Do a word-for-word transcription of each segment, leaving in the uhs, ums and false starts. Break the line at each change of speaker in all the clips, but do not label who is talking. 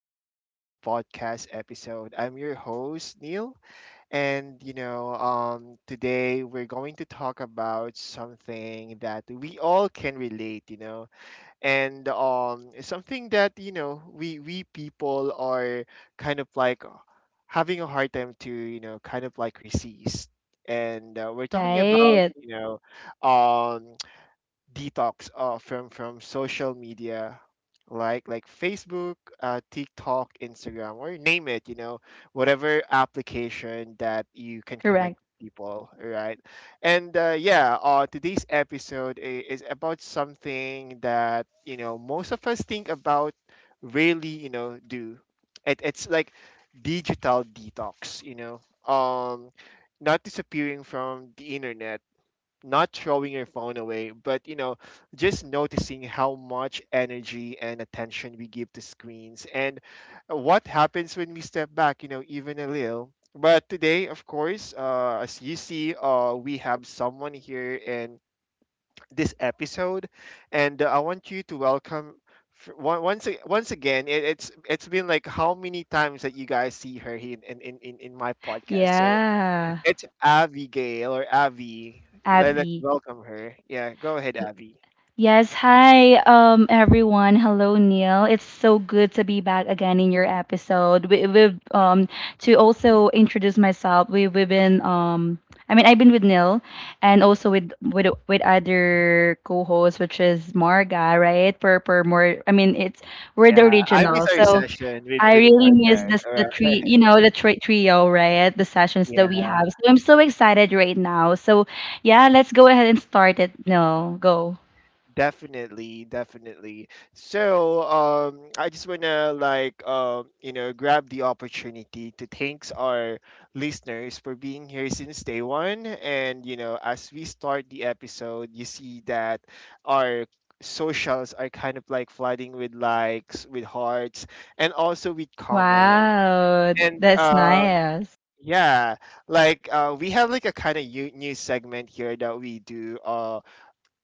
to this podcast episode. I'm your host, Neil, and you know, um, today we're going to talk about something that we all can relate, you know, and um, Something that you know we we people are kind of like having a hard time to you know kind of like resist, and uh, we're talking about
Right.
you know, um detox uh, from from social media like like Facebook, uh, TikTok, Instagram, or name it, you know, whatever application that you can connect
Correct.
people, right? And uh, yeah, uh, today's episode i- is about something that you know most of us think about, really, you know, do. It, it's like digital detox, you know, um, not disappearing from the internet, not throwing your phone away, but you know, just noticing how much energy and attention we give to screens and what happens when we step back, you know, even a little. But today, of course, uh, as you see, uh, we have someone here, and this episode, and uh, I want you to welcome f- on- once a- once again. It, it's it's been like how many times that you guys see her here in in in, in my podcast. So
Yeah.
it's Abigail or Abby. Let, let us
Abby.
welcome her. Yeah, go ahead,
Y-
Abby.
Yes, hi, um everyone. Hello, Neil. It's so good to be back again in your episode. We, we've um To also introduce myself, We we've been um I mean, I've been with Neil and also with with with other co-hosts, which is Marga, right? Per per more I mean it's We're the
Yeah, I miss
original.
our
So
session with
I
with
really miss
Margaret.
this
All
the tree,
right.
you know, the tri trio, right? The sessions that we have. So I'm so excited right now. So yeah, let's go ahead and start it. No, go.
Definitely, definitely. So, um, I just wanna like um, you know, grab the opportunity to thanks our listeners for being here since day one. And you know, as we start the episode, you see that our socials are kind of like flooding with likes, with hearts, and also with comments.
Wow,
And
that's
um,
nice.
yeah, like uh, We have like a kind of new segment here that we do. Um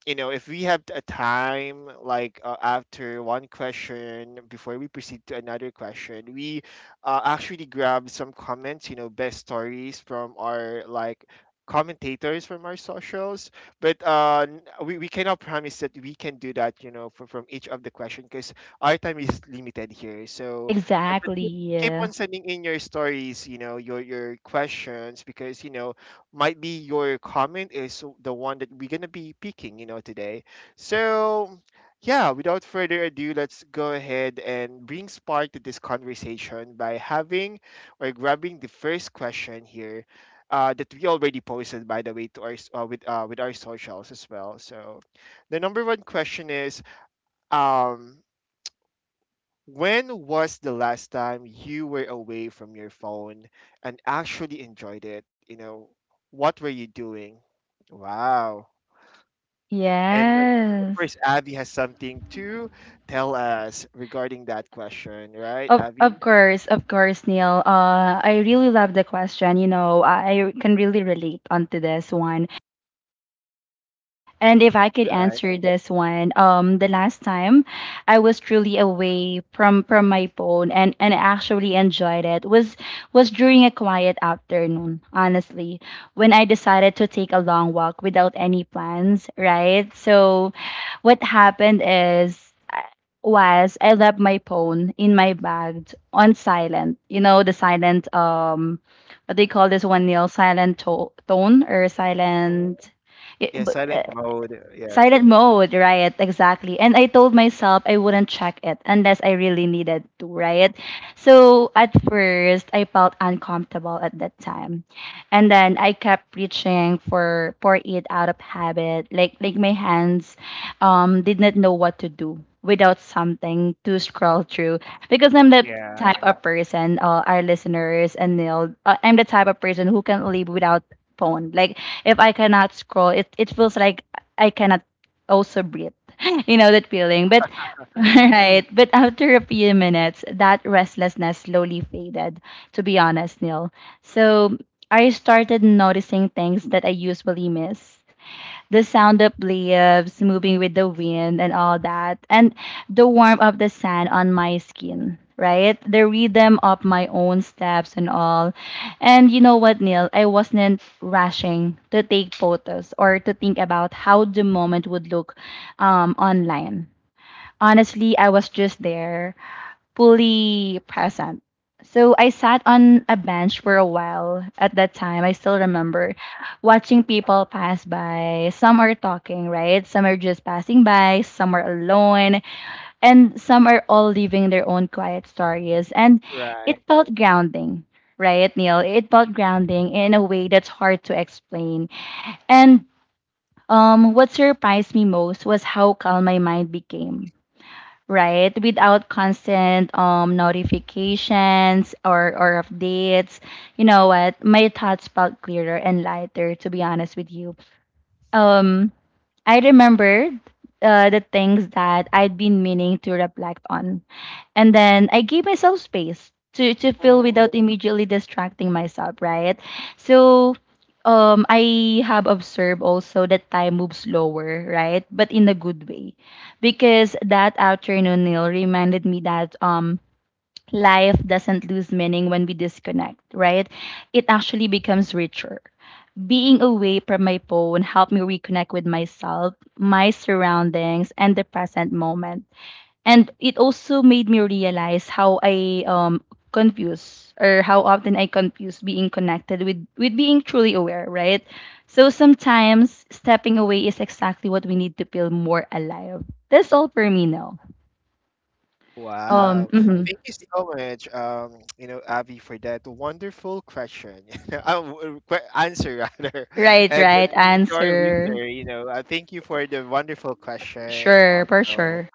You know, if we have a time, like uh, after one question, before we proceed to another question, we uh, actually grab some comments, you know, best stories from our like commentators from our socials. But uh, n- we, we cannot promise that we can do that, you know, for, from each of the question because our time is limited here. So, but, but keep,
Exactly.
keep on sending in your stories, you know, your, your questions because, you know, might be your comment is the one that we're gonna be picking, you know, today. So yeah, without further ado, let's go ahead and bring spark to this conversation by having or grabbing the first question here. Uh, that we already posted, by the way, to our s- uh, with uh, with our socials as well. So, the number one question is, um, when was the last time you were away from your phone and actually enjoyed it? You know, what were you doing? Wow. And uh, of course,
Yes.
Abby has something to tell us regarding that question, right,
Of
Abby?
of course, of course, Neil. Uh, I really love the question. You know, I I can really relate onto this one. And if I could
Right.
answer this one, um, the last time I was truly away from from my phone and and actually enjoyed it was was during a quiet afternoon, honestly, when I decided to take a long walk without any plans, right? So what happened is, I- was I left my phone in my bag on silent. You know, the silent, um what they call this one, nil silent to- tone or
Mhm.
silent it,
Yeah,
but—
silent mode. Yeah.
Silent mode, right? Exactly. And I told myself I wouldn't check it unless I really needed to, right? So at first, I felt uncomfortable at that time. And then I kept reaching for for it out of habit. Like like my hands, um, did not know what to do without something to scroll through, because I'm the
Yeah.
type of person, uh, our listeners and Neil, uh, I'm the type of person who can live without phone. Like if I cannot scroll, it, it feels like I cannot also breathe. You know that feeling. But— right. But after a few minutes, that restlessness slowly faded, to be honest, Neil. So I started noticing things that I usually miss: the sound of leaves moving with the wind and all that, and the warmth of the sand on my skin, right? The rhythm of my own steps and all. And you know what, Neil? I wasn't rushing to take photos or to think about how the moment would look um, online. Honestly, I was just there, fully present. So I sat on a bench for a while at that time. I still remember watching people pass by. Some are talking, right? Some are just passing by, some are alone, and some are all living their own quiet stories. And it
Right.
felt grounding, right, Neil? It felt grounding in a way that's hard to explain. And um, what surprised me most was how calm my mind became, right, without constant um notifications or or updates. You know what, my thoughts felt clearer and lighter, to be honest with you. um I remembered uh, the things that I'd been meaning to reflect on. And then I gave myself space to, to feel
hmm
without immediately distracting myself, right? So um, I have observed also that time moves slower, right? But in a good way. Because that afternoon, Neil, reminded me that, um, life doesn't lose meaning when we disconnect, right? It actually becomes richer. Being away from my phone helped me reconnect with myself, my surroundings, and the present moment. And it also made me realize how I um confuse or how often I confuse being connected with with being truly aware, right? So sometimes stepping away is exactly what we need to feel more alive. That's all for me now. Wow.
Wow.
Um, mhm.
Thank you so much, um, you know, Abby, for that wonderful question. Uh, w- uh, que- Answer, rather.
Right,
And
right
to to our
answer.
listener, you know, uh, thank you for the wonderful question
Sure, for
also.
sure.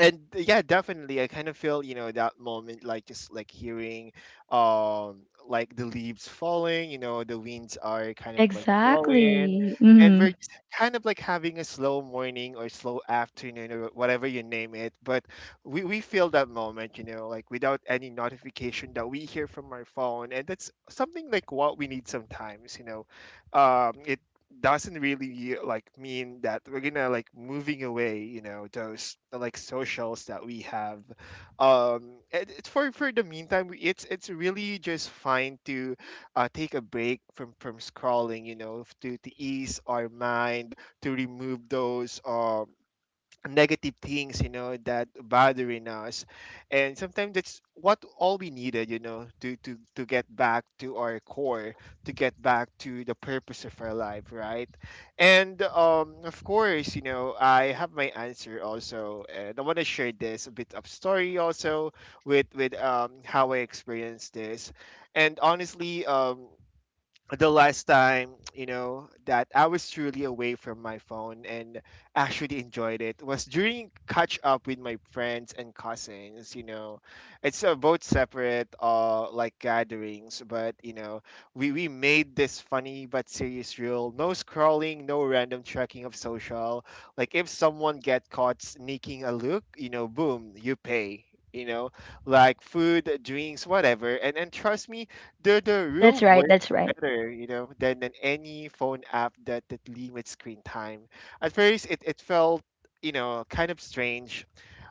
And uh, yeah, definitely I kind of feel you know that moment, like just like hearing um like the leaves falling, you know, the winds are kind of like blowing
Exactly.
and we're
Mm.
just kind of like having a slow morning or slow afternoon or whatever you name it, but we we feel that moment, you know, like without any notification that we hear from our phone, and that's something like what we need sometimes, you know. Um it doesn't really like mean that we're gonna like moving away, you know, those uh, like socials that we have. Um it, it's for for the meantime, we- it's it's really just fine to uh take a break from from scrolling, you know, to to ease our mind, to remove those um negative things, you know, that bothering us. And sometimes that's what all we needed, you know, to to to get back to our core, to get back to the purpose of our life, right? And um of course, you know, I have my answer also, and I want to share this a bit of story also with with um how I experienced this. And honestly, um the last time you know that I was truly away from my phone and actually enjoyed it was during catch up with my friends and cousins. You know, it's uh, both separate uh like gatherings, but you know we we made this funny but serious rule: no scrolling, no random tracking of social. Like if someone get caught sneaking a look, you know, boom, you pay. You know, like food, drinks, whatever, and and trust me, the the real
That's right. That's right.
better, you know, than, than any phone app that, that limits screen time. At first, it, it felt, you know, kind of strange.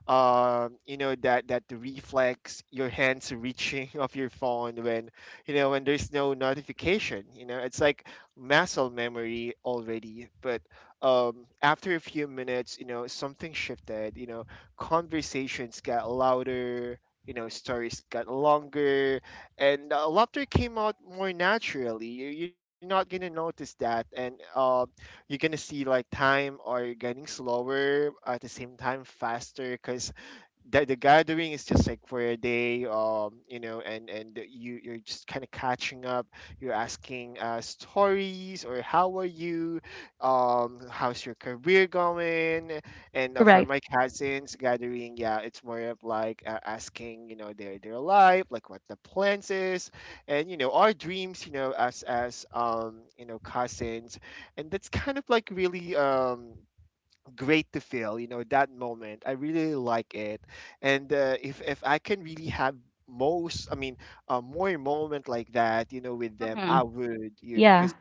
um You know that that the reflex, your hands reaching of your phone when you know when there's no notification, you know, it's like muscle memory already. But um after a few minutes, you know, something shifted, you know. Conversations got louder, you know, stories got longer, and uh, laughter came out more naturally. You- you're not gonna notice that. And um you're gonna see like time are getting slower at the same time faster, because the, the gathering is just like for a day, um you know. And and you, you're just kind of catching up, you're asking uh stories or how are you, um how's your career going. And uh, for
Correct.
my cousins gathering, yeah, it's more of like uh, asking, you know, their their life, like what the plans is and you know our dreams, you know, as as um you know, cousins. And that's kind of like really um great to feel, you know, that moment. I really like it. And uh, if if I can really have most, i mean uh, more moment like that, you know, with them, I
Hmm.
would. You
Yeah.
because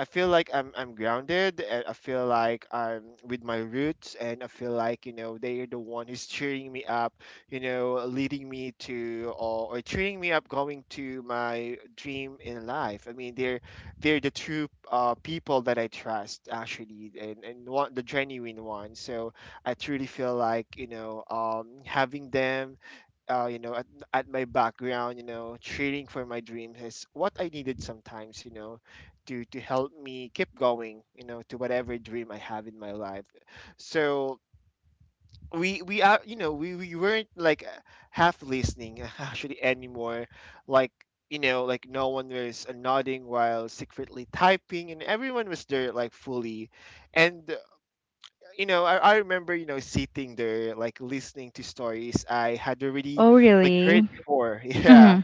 I feel like I'm I'm grounded. And I feel like I'm with my roots, and I feel like you know they are the one who's cheering me up, you know, leading me to, or, or cheering me up going to my dream in life. I mean, they're they're the true uh, people that I trust actually, and and one, the genuine ones. So I truly feel like you know um, having them uh, you know, at, at my background, you know, cheering for my dreams is what I needed sometimes, you know, to to help me keep going, you know, to whatever dream I have in my life. So we we are, you know, we we weren't like uh, half listening actually anymore, like. You know, like no one was nodding while secretly typing, and everyone was there like fully. And you know, I, I remember, you know, sitting there, like listening to stories I had already
Oh,
like heard
really?
before. Yeah,
Mm-hmm.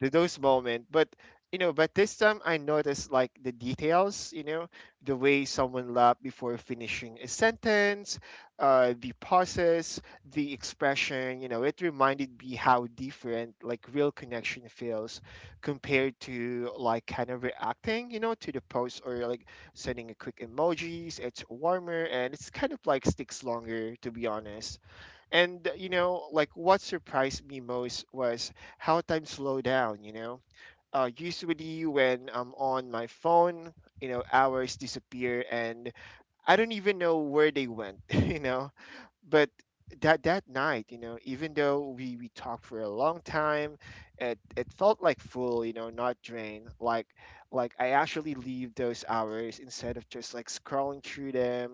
to those moments. But you know, but this time I noticed like the details. You know, the way someone laughed before finishing a sentence, uh, the pauses, the expression. You know, it reminded me how different like real connection feels compared to like kind of reacting. You know, to the post or like sending a quick emojis. It's warmer and it's kind of like sticks longer. To be honest. And uh, you know, like what surprised me most was how time slowed down, you know. Uh, usually when I'm on my phone, you know, hours disappear and I don't even know where they went, you know, but that that night, you know, even though we we talked for a long time, it it felt like full, you know, not drained, like like I actually leave those hours instead of just like scrolling through them.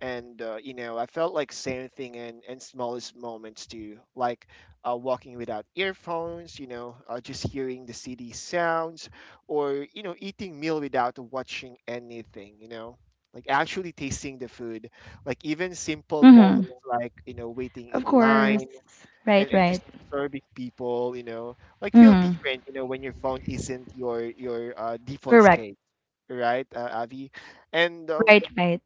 And uh, you know, I felt like same thing in in smallest moments too, like uh, walking without earphones, you know, uh, just hearing the city sounds, or you know, eating meal without watching anything, you know, like actually tasting the food, like even simple
Mm-hmm.
moments like you know, waiting
Of
in
course.
line, and,
Right,
and
right.
just observing people, you know, like feel
Mm.
different, you know, when your phone isn't your your uh, default
Correct.
scape, right? Uh, avi. And um,
Right, right.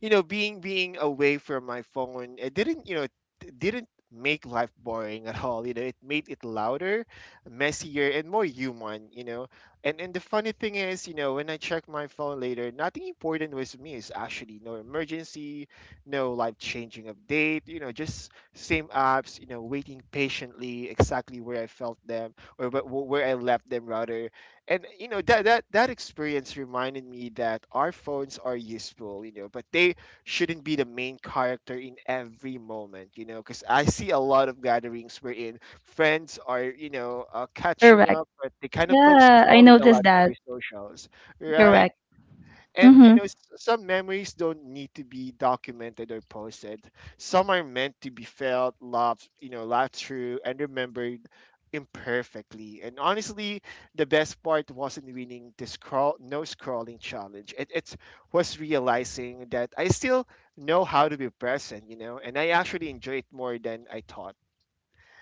You know, being being away from my phone, it didn't, you know, it didn't make life boring at all, you know, it made it louder, messier and more human, you know. and and the funny thing is, you know, when I checked my phone later, nothing important was missed, actually no emergency, no life changing update, you know, just same apps, you know, waiting patiently exactly where I felt them, or wh- wh- where I left them rather. And you know, that that that experience reminded me that our phones are useful, you know, but they shouldn't be the main character in every moment, you know, because I see a lot of gatherings wherein friends are, you know, uh, catching
Correct.
up, but they kind of like
Yeah, I
scrolling a lot
noticed
to their
that.
socials, right?
Correct.
And you
Mm-hmm.
know, s- some memories don't need to be documented or posted. Some are meant to be felt, loved, you know, laughed through, and remembered imperfectly. And honestly, the best part wasn't winning the scroll no scrolling challenge. It it was realizing that I still know how to be present, you know, and I actually enjoy it more than I thought.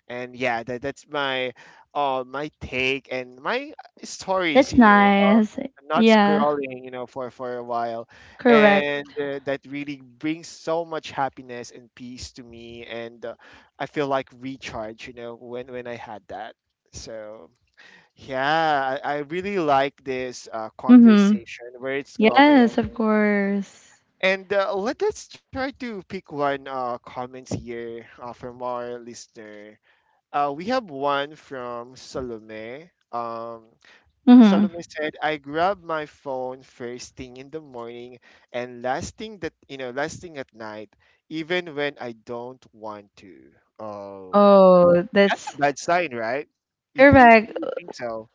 And yeah, that that's my uh my take and my stories,
That's
you know, of
nice.
not
Yeah.
scrolling, you know, for for a while,
Correct.
and uh, that really brings so much happiness and peace to me, and uh, I feel like recharge, you know, when when I had that. So yeah, I, I really like this uh,
Mm-hmm.
conversation where it's going.
Yes, of course.
And uh, let, us try to pick one uh, comments here uh, from our listener. Uh, we have one from Salome. Um,
Mm-hmm.
Salome said, "I grab my phone first thing in the morning and last thing that you know, last thing at night, even when I don't want to." Oh,
Oh,
that's
that's
a bad sign, right? You, g-
correct.
you you think so?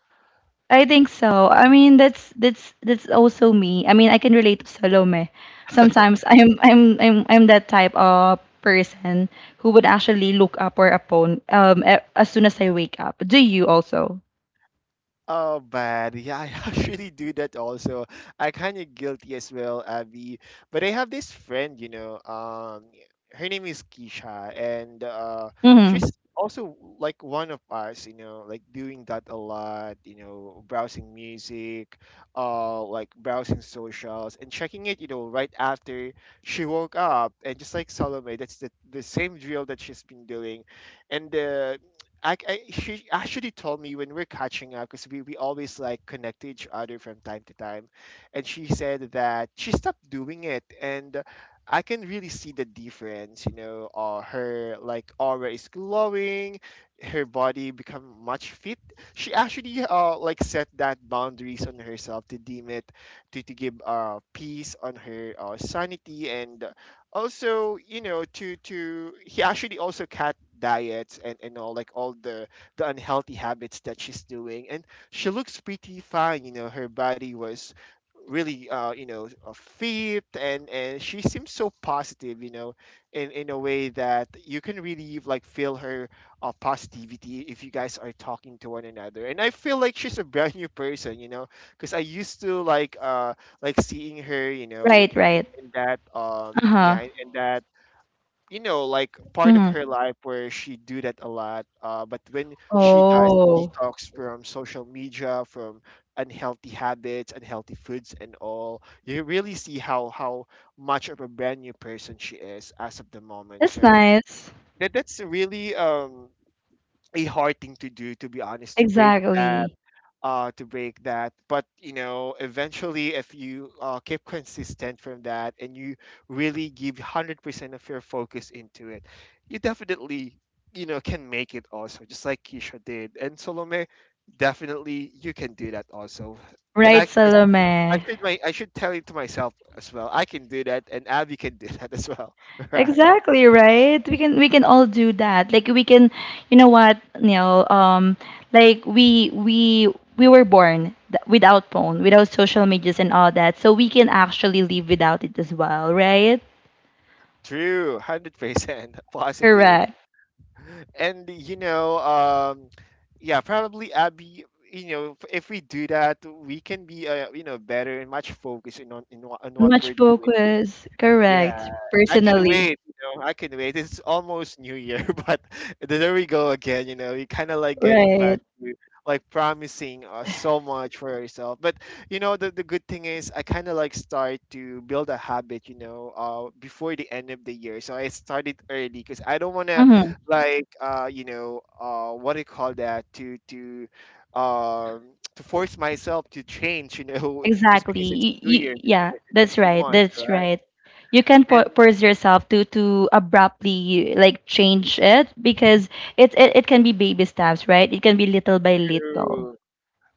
I think so. I mean, that's that's that's also me. I mean, I can relate to Salome. Sometimes I'm I'm I'm I'm that type of person who would actually look up or upon, um a- as soon as I wake up. Do you also?
Oh man, yeah, I actually do that also. I kind of guilty as well, Abby. But I have this friend, you know, um, her name is Keisha, and uh,
Mm-hmm.
she's also like one of us, you know, like doing that a lot, you know, browsing music, uh, like browsing socials and checking it, you know, right after she woke up, and just like Salome, that's the the same drill that she's been doing, and uh, I, I she actually told me when we're catching up because we, we always like connect to each other from time to time, and she said that she stopped doing it, and I can really see the difference. You know, uh, her like aura is glowing, her body become much fit. She actually uh like set that boundaries on herself to deem it to to give uh peace on her uh, sanity, and also you know, to to he actually also cut diets, and and all like all the the unhealthy habits that she's doing, and she looks pretty fine, you know, her body was really uh you know, uh, fit, and and she seems so positive, you know, in in a way that you can really like feel her uh, positivity if you guys are talking to one another, and I feel like she's a brand new person, you know, because I used to like uh like seeing her, you know,
Right, right.
in that um
Uh-huh.
yeah, in in that, you know, like part of
Mm-hmm.
her life where she do that a lot. Uh, but when she does
Oh,
detox from social media, from unhealthy habits, unhealthy foods and all, you really see how how much of a brand new person she is as of the moment.
that's
So
nice.
that that's really um a hard thing to do, to be honest, to break that,
Exactly.
uh, to break that. But you know, eventually, if you uh, keep consistent from that and you really give one hundred percent of your focus into it, you definitely, you know, can make it also, just like Keisha did and Salome. Definitely, you can do that also. And I,
Right,
I, I
Salome.
should my, I should tell it to myself as well. I can do that, and Abby can do that as well. Right?
Exactly, right? We can we can all do that. Like we can, you know what, Neil, um like we we we were born th- without phone, without social medias and all that. So we can actually live without it as well, right?
True, hundred percent positive.
Correct.
And you know um yeah, probably Abby, you know, if if we do that, we can be uh, you know, better and much focused in on in, wha- on what
Much
we're doing.
focus.
Yeah,
Correct.
and I can
Personally.
wait, you know, I can wait. It's almost New Year, but there we go again, you know, you kind of like getting back
Right.
to like promising uh, so much for yourself. But you know, the, the good thing is I kind of like start to build a habit, you know, uh, before the end of the year. So I started early because I don't want to
Mhm.
like, uh, you know, uh, what do you call that, to, to, um, to force myself to change, you know, just because it's
Exactly. Y-
New
y-
Year, just
yeah,
because it's a
that's
new
right.
month,
That's
right?
right. You can po-
And
force yourself to to abruptly like change it, because it, it it can be baby steps, right? It can be little by little.
true.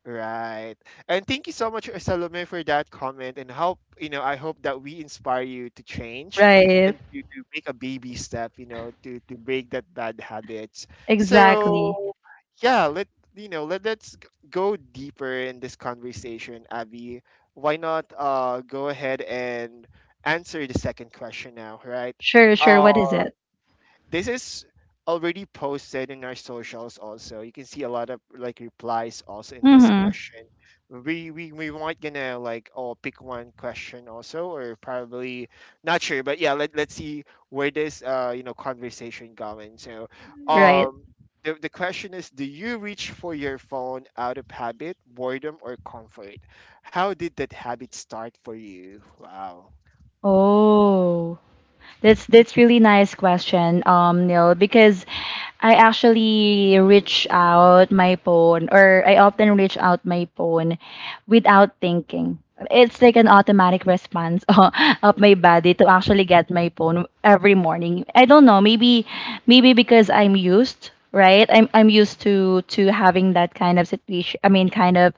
Right. And thank you so much, Salome, for that comment. And hope, you know, I hope that we inspire you to change
Right.
and to, to make a baby step, you know, to, to break that bad habits.
Exactly.
So yeah, let you know, let, let's g- go deeper in this conversation, Abby. Why not uh go ahead and answer the second question now, right?
Sure, sure.
Uh,
What is it?
this is already posted in our socials also, you can see a lot of like replies also in this
Mm-hmm.
question, we we, we might gonna like all pick one question also, or probably not sure, but yeah, let, let's see where this uh you know, conversation going. So
Right.
um, the, the question is, do you reach for your phone out of habit, boredom or comfort? How did that habit start for you? Wow.
Oh. That's that's really nice question, um, Neil, because I actually reach out my phone or I often reach out my phone without thinking. It's like an automatic response of my body to actually get my phone every morning. I don't know. Maybe, maybe because I'm used, right? I'm I'm used to to having that kind of situation. I mean, kind of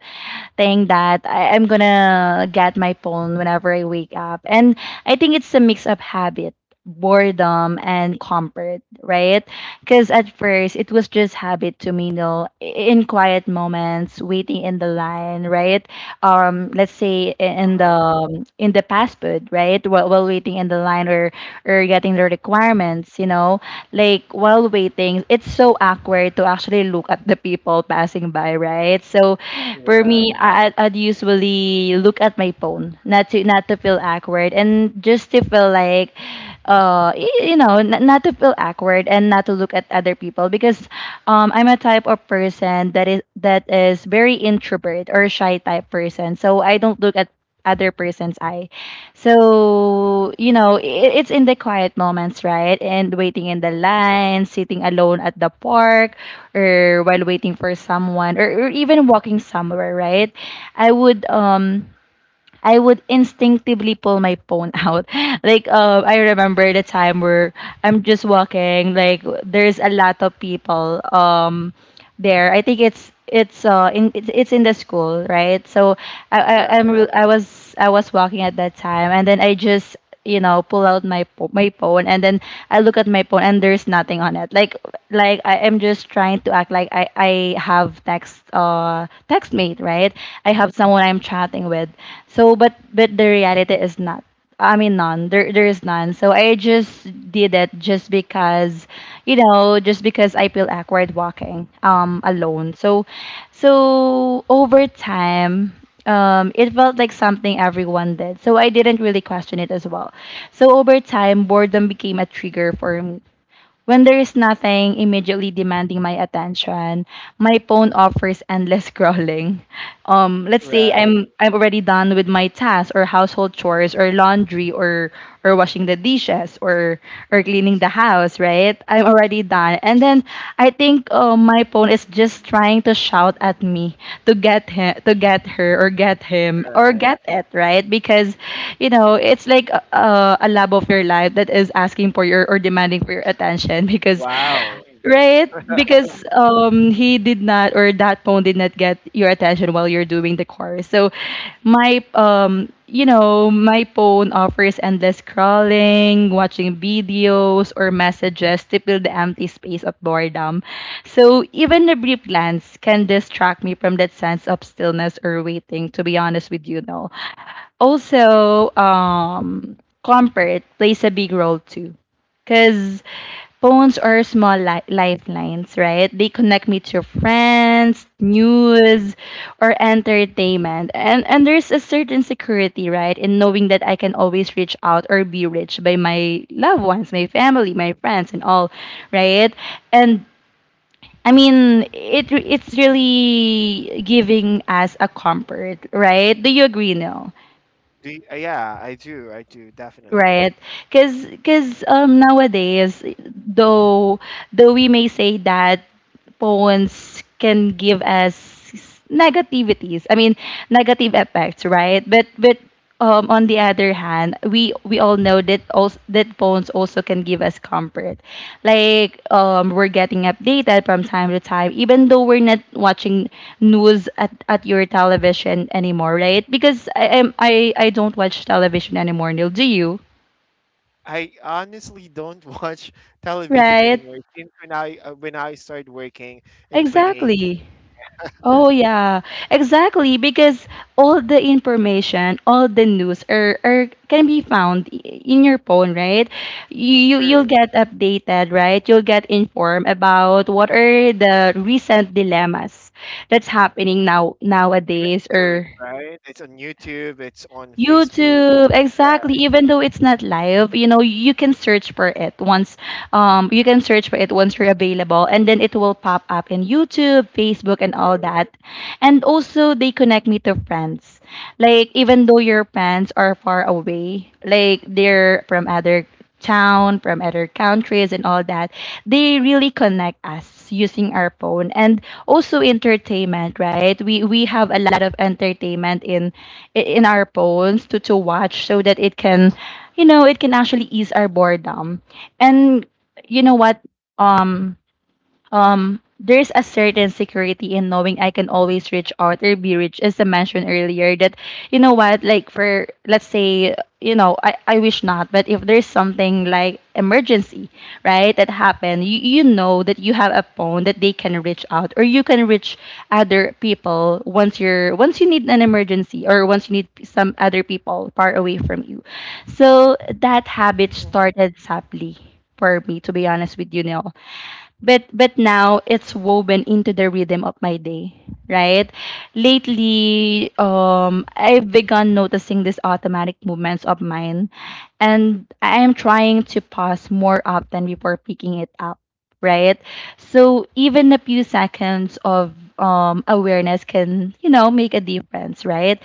thing that, I, I'm gonna get my phone whenever I wake up. And I think it's a mix of habit, boredom, and comfort, right? Because at first it was just habit to me, you know, in quiet moments, waiting in the line, right? Um, let's say in the,
Uh-huh.
um, in the fast food, right? While, while waiting in the line or or getting the requirements, you know, like while waiting, it's so awkward to actually look at the people passing by, right? So for
Right.
me, I, I'd I'd usually look at my phone, not to, not to feel awkward, and just to feel like, uh, y- you know, n- not to feel awkward and not to look at other people, because, um, I'm a type of person that is, that is very introvert or shy type person. So I don't look at other person's eye. So you know, I it's in the quiet moments, right? And waiting in the line, sitting alone at the park, or while waiting for someone, or, or even walking somewhere, right? I would um I would instinctively pull my phone out. Like, um, I remember the time where I'm just walking, like there's a lot of people, um there. I think it's it's uh in it's, it's in the school, right? So, I, I I'm
Right.
re- I was I was walking at that time, and then I just, you know pull out my pho- my phone, and then I look at my phone and there's nothing on it. Like like I am just trying to act like I I have text uh text mate, right. I have someone I'm chatting with. So, but but the reality is not. I mean, none. There there is none. So I just did it just because, you know just because I feel awkward walking, um alone. So so over time, um, it felt like something everyone did. So I didn't really question it as well. So over time, boredom became a trigger for me. When there is nothing immediately demanding my attention, my phone offers endless scrolling. Um, let's say
Right.
I'm I'm already done with my tasks, or household chores, or laundry, or or washing the dishes, or or cleaning the house, right? I'm already done, and then I think, uh, my phone is just trying to shout at me to get him, to get her, or get him, or
Right.
get it, right? Because, you know, it's like a, a a lab lab of your life that is asking for your or demanding for your attention, because,
Wow.
right because um he did not or that phone did not get your attention while you're doing the course. So my um you know my phone offers endless scrolling, watching videos, or messages to fill the empty space of boredom, so even a brief glance can distract me from that sense of stillness or waiting, to be honest with you. No, also, um comfort plays a big role too, because phones are small, li- lifelines, right? They connect me to friends, news, or entertainment, and and there's a certain security, right, in knowing that I can always reach out or be reached by my loved ones, my family, my friends, and all, right. And I mean, it it's really giving us a comfort, right? Do you agree, Neil?
Do you, uh, yeah, I do. I do definitely.
Right. because because um nowadays, though though we may say that phones can give us negativities. I mean, negative effects, right? But but um on the other hand, we we all know that also that phones also can give us comfort. Like um we're getting updated from time to time even though we're not watching news at, at your television anymore, right? Because, I am I I don't watch television anymore, Neil. Do you?
I honestly don't watch television
Right.
anymore since when I uh, when I started working in
Exactly.
twenty eighteen.
Oh yeah. Exactly, because all the information, all the news, are, are can be found, i- in your phone, right? You you- you'll
True.
get updated, right? You'll get informed about what are the recent dilemmas that's happening now
Even
nowadays
news,
or
right? It's on YouTube. It's on Facebook.
YouTube, exactly.
Right.
Even though it's not live, you know, you can search for it once um you can search for it once you're available, and then it will pop up in YouTube, Facebook and all
True.
that. And also they connect me to friends. Like even though your friends are far away, like they're from other town, from other countries, and all that. They really connect us using our phone, and also entertainment, right? We we have a lot of entertainment in in our phones to to watch so that it can, you know, it can actually ease our boredom. And you know what? Um, um there's a certain security in knowing I can always reach out or be reached, as I mentioned earlier. That you know what, like for let's say, you know, I, I wish not, but if there's something like emergency, right, that happened, you you know that you have a phone that they can reach out, or you can reach other people once you're once you need an emergency, or once you need some other people far away from you. So that habit started sadly for me, to be honest with you, Neil, but but now it's woven into the rhythm of my day, right? Lately, um I've begun noticing these automatic movements of mine, and I am trying to pause more often before picking it up, right? So even a few seconds of um awareness can, you know make a difference, right?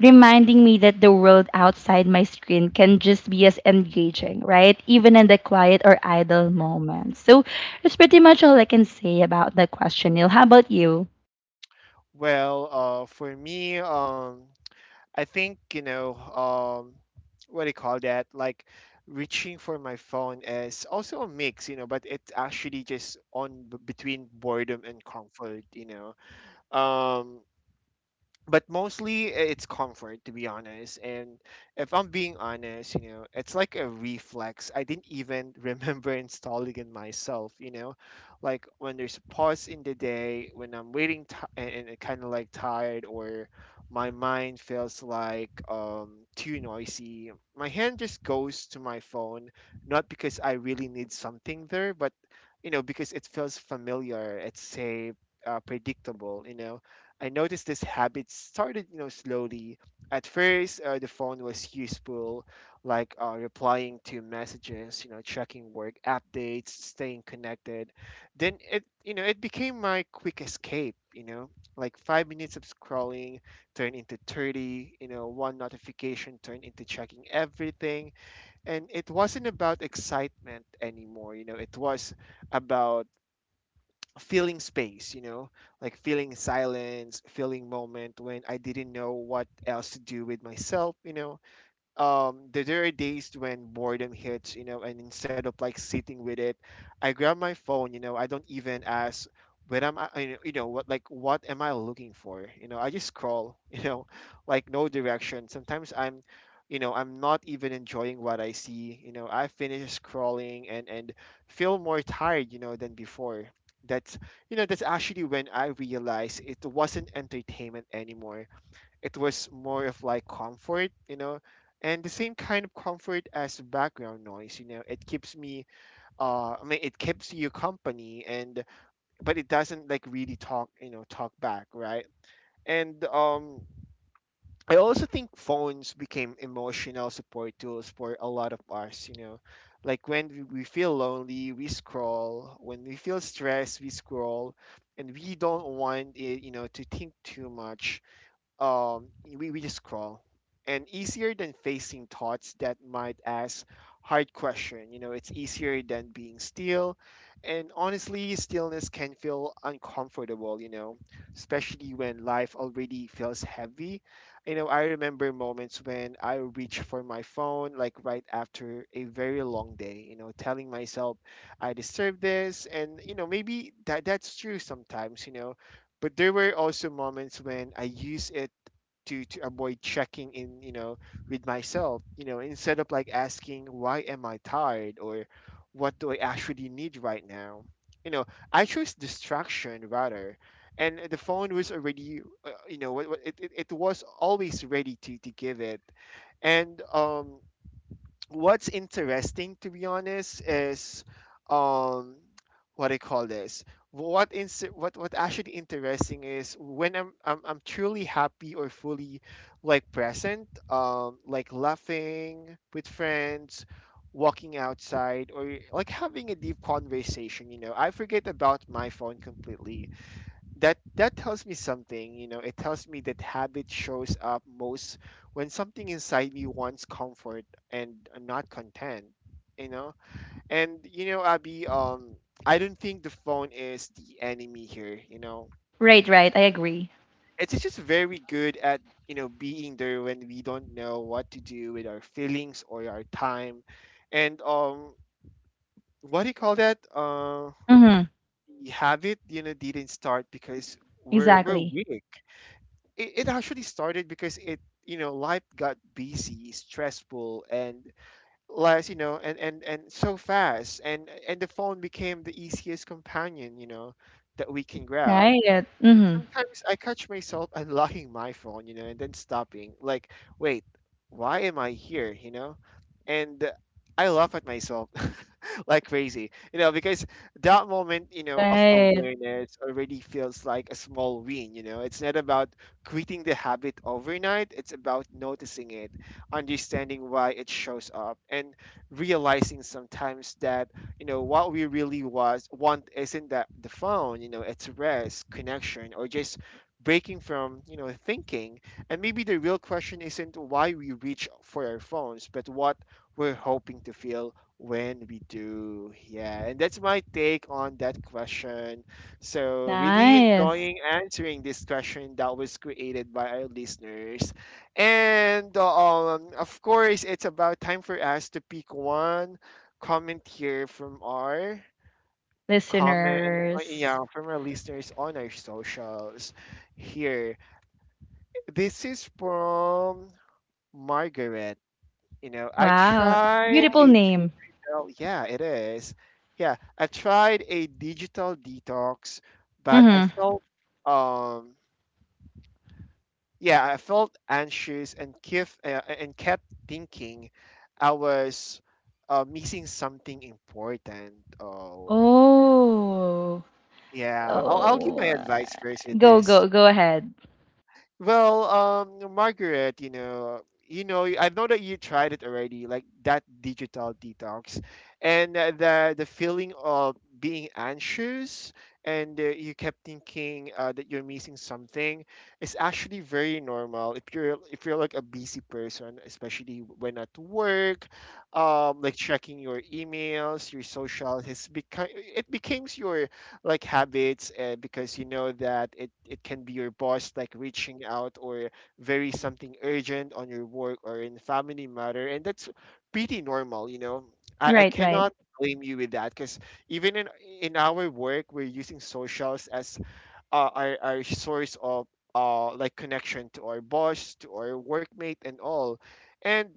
Reminding me that the world outside my screen can just be as engaging, right? Even in the quiet or idle moments. So it's pretty much all I can say about that question, Neil. How about you?
Well, uh, for me, um, I think you know, um, what do you call that? Like reaching for my phone is also a mix, you know, but it's actually just on b- between boredom and comfort, you know um, but mostly i- it's comfort, to be honest. And if I'm being honest, you know, it's like a reflex, I didn't even remember installing it myself, you know, like when there's a pause in the day, when I'm waiting t- and, and kind of like tired, or my mind feels like um too noisy, my hand just goes to my phone, not because I really need something there, but you know, because it feels familiar, it's safe, uh, predictable, you know. I noticed this habit started, you know, slowly. At first, uh, the phone was useful, like uh, replying to messages, you know, checking work updates, staying connected. Then it, you know, it became my quick escape. You know, like five minutes of scrolling turned into thirty. You know, one notification turned into checking everything, and it wasn't about excitement anymore. You know, it was about filling space, you know, like feeling silence, feeling moment when I didn't know what else to do with myself, you know, um, there there are days when boredom hits, you know, and instead of like sitting with it, I grab my phone, you know, I don't even ask, what am I, you know, you know, what, like what am I looking for, you know, I just scroll you know, like no direction. Sometimes I'm, you know, I'm not even enjoying what I see, you know, I finish scrolling and and feel more tired, you know, than before. That's, you know, that's actually when I realized it wasn't entertainment anymore, it was more of like comfort, you know, and the same kind of comfort as background noise, you know, it keeps me, uh, I mean, it keeps you company, and but it doesn't like really talk, you know, talk back, right? And um, I also think phones became emotional support tools for a lot of us, you know. Like when we we feel lonely, we scroll. When we feel stressed, we scroll, and we don't want it, you know, to think too much, um, we, we just scroll. And easier than facing thoughts that might ask hard question. You know, it's easier than being still. And honestly, stillness can feel uncomfortable, you know, especially when life already feels heavy. You know, I remember moments when I reach for my phone, like right after a very long day, you know, telling myself I deserve this. And, you know, maybe that that's true sometimes, you know, but there were also moments when I use it to to avoid checking in, you know, with myself. You know, instead of like asking, why am I tired, or what do I actually need right now. You know, I chose distraction rather, and the phone was already, uh, you know, it, it it it was always ready to to give it, and um what's interesting to be honest is um what do you call this what ins what what actually interesting is when I'm, I'm i'm truly happy or fully like present um like laughing with friends, walking outside, or like having a deep conversation. You know, I forget about my phone completely. That that tells me something. You know, it tells me that habit shows up most when something inside me wants comfort and not content, you know. And you know, Abby, um I don't think the phone is the enemy here, you know.
Right, right. I agree.
It's just very good at, you know, being there when we don't know what to do with our feelings or our time. And um what do you call that uh
Mm-hmm.
The habit, you know, didn't start because we're we're
Exactly.
weak. It, it actually started because it you know, life got busy, stressful, and less, you know, and and and so fast, and and the phone became the easiest companion, you know, that we can grab.
Right.
And
Mm-hmm.
sometimes I catch myself unlocking my phone, you know, and then stopping like, wait, why am I here, you know. And I laugh at myself like crazy, you know, because that moment, you know, of
Right.
awareness already feels like a small win, you know. It's not about quitting the habit overnight, it's about noticing it, understanding why it shows up, and realizing sometimes that, you know, what we really was want isn't that the phone, you know, it's rest, connection, or just breaking from, you know, thinking. And maybe the real question isn't why we reach for our phones, but what we're hoping to feel when we do. Yeah, and that's my take on that question. So, really
Nice.
enjoying answering this question that was created by our listeners. And um, of course, it's about time for us to pick one comment here from our comment, uh, yeah,
Listeners.
from our listeners on our socials here. This is from Margaret. You know, I
Wow.
tried
Beautiful
a
name.
digital, yeah, it is. Yeah, I tried a digital detox, but I
Mm-hmm.
felt, um, yeah, I felt anxious and kif, uh, and kept thinking I was uh, missing something important. Oh,
Oh.
yeah. I'll, I'll give my
Oh.
advice first with
Go,
this.
go, go ahead.
Well, um, Margaret, you know, you know, I know that you tried it already, like that digital detox, and uh, the the feeling of being anxious, and uh, you kept thinking uh, that you're missing something, is actually very normal if you're if you're like a busy person, especially when at work, um, like checking your emails, your social, has become, it becomes your like habits, uh, because you know that it, it can be your boss like reaching out, or very something urgent on your work or in family matter, and that's pretty normal, you know. i, I
Right, right.
cannot blame you with that because even in in our work we're using socials as uh, our, our source of uh, like connection to our boss, to our workmate, and all. And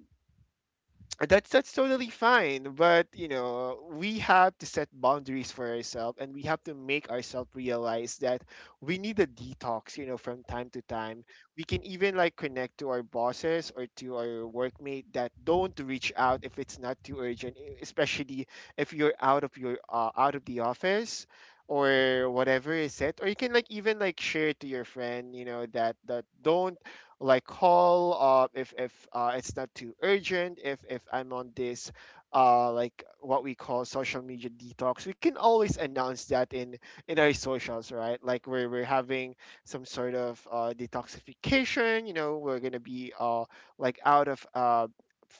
that's that's totally fine, but you know, we have to set boundaries for ourselves and we have to make ourselves realize that we need a detox, you know, from time to time. We can even like connect to our bosses or to our workmate that don't reach out if it's not too urgent, e- especially if you're out of your uh, out of the office, or whatever is it. Or you can like even like share to your friend, you know, that that don't like call, uh, if if uh, it's not too urgent. If if I'm on this uh, like what we call social media detox, we can always announce that in in our socials, right, like we're, we're having some sort of uh, detoxification, you know, we're gonna be uh, like out of uh,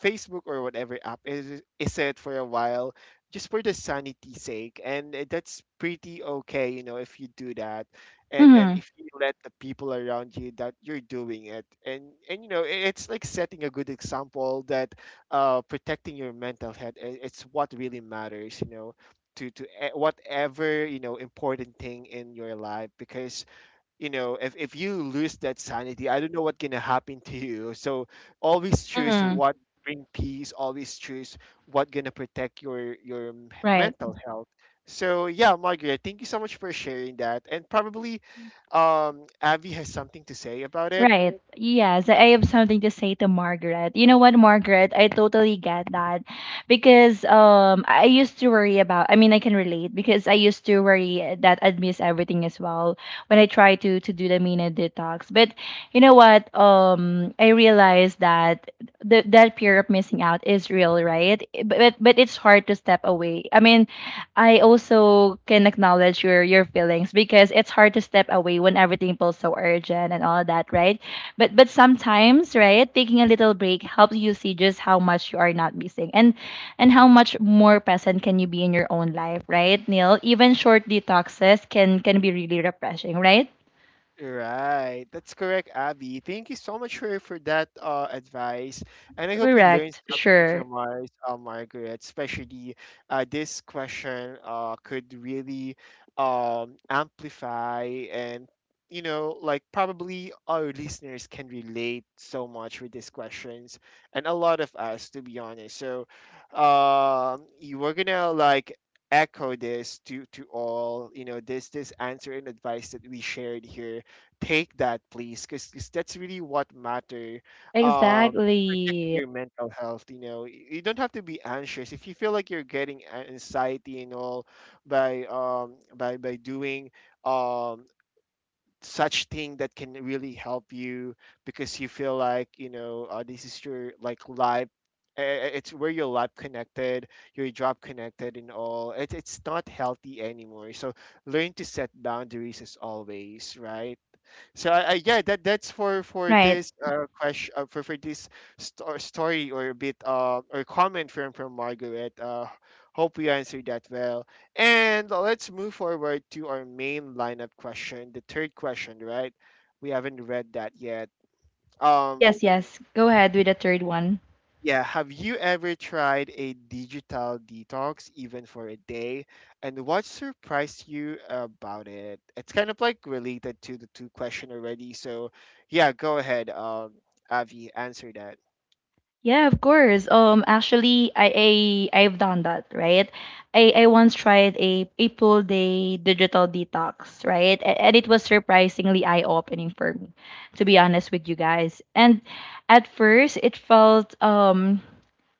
Facebook or whatever app is, is it, for a while, just for the sanity sake. And uh, that's pretty okay, you know, if you do that. And and
Mm-hmm.
if you let the people around you that you're doing it, and and you know, i- it's like setting a good example that uh protecting your mental health, i- it's what really matters, you know. To to e- whatever, you know, important thing in your life, because you know, if, if you lose that sanity, I don't know what's gonna happen to you. So always choose what bring peace, always choose what gonna protect your your m-
Right,
mental health. So yeah, Margaret, thank you so much for sharing that. And probably um Abby has something to say about it.
right. Yes, I have something to say to Margaret. You know what, Margaret? I totally get that, because um I used to worry about. I mean, I can relate, because I used to worry that I'd miss everything as well when I try to to do the Mina detox. But you know what? Um, I realized that the that fear of missing out is real, right? But but it's hard to step away. I mean, I also can acknowledge your your feelings, because it's hard to step away when everything feels so urgent and all that, right? But but sometimes, right, taking a little break helps you see just how much you are not missing, and and how much more present can you be in your own life, right, Neil? Even short detoxes can can be really refreshing, right?
Right. That's correct, Abby. Thank you so much for, for that uh, advice. And I hope you learned
Correct.
something
Sure.
from us, uh, Margaret, especially uh, this question uh, could really um, amplify and, you know, like probably our listeners can relate so much with these questions, and a lot of us, to be honest. So um, you were going to like echo this to to all, you know, this this answer and advice that we shared here, take that please, because that's really what matter. um Protecting
Exactly.
your mental health, you know. Y- you don't have to be anxious if you feel like you're getting a- anxiety and all, by um by by doing um such thing that can really help you. Because you feel like, you know, uh, this is your like life, uh, it's where your life connected, your job connected and all, it, it's not healthy anymore. So learn to set boundaries as always, right. So I, I, yeah, that that's for for
Right.
this uh question, uh, for for this sto- story or a bit, uh or comment from from Margaret. Uh, hope we answered that well. And let's move forward to our main lineup question, the third question, right? We haven't read that yet. Um,
Yes, yes. Go ahead with the third one.
yeah, have you ever tried a digital detox, even for a day? And what surprised you about it? It's kind of like related to the two question already. So, yeah, go ahead, um, Avi, answer that.
Yeah, of course. Um, actually, I, I I've done that, right? I I once tried a a full day digital detox, right? A- And it was surprisingly eye-opening for me, to be honest with you guys. And at first, it felt um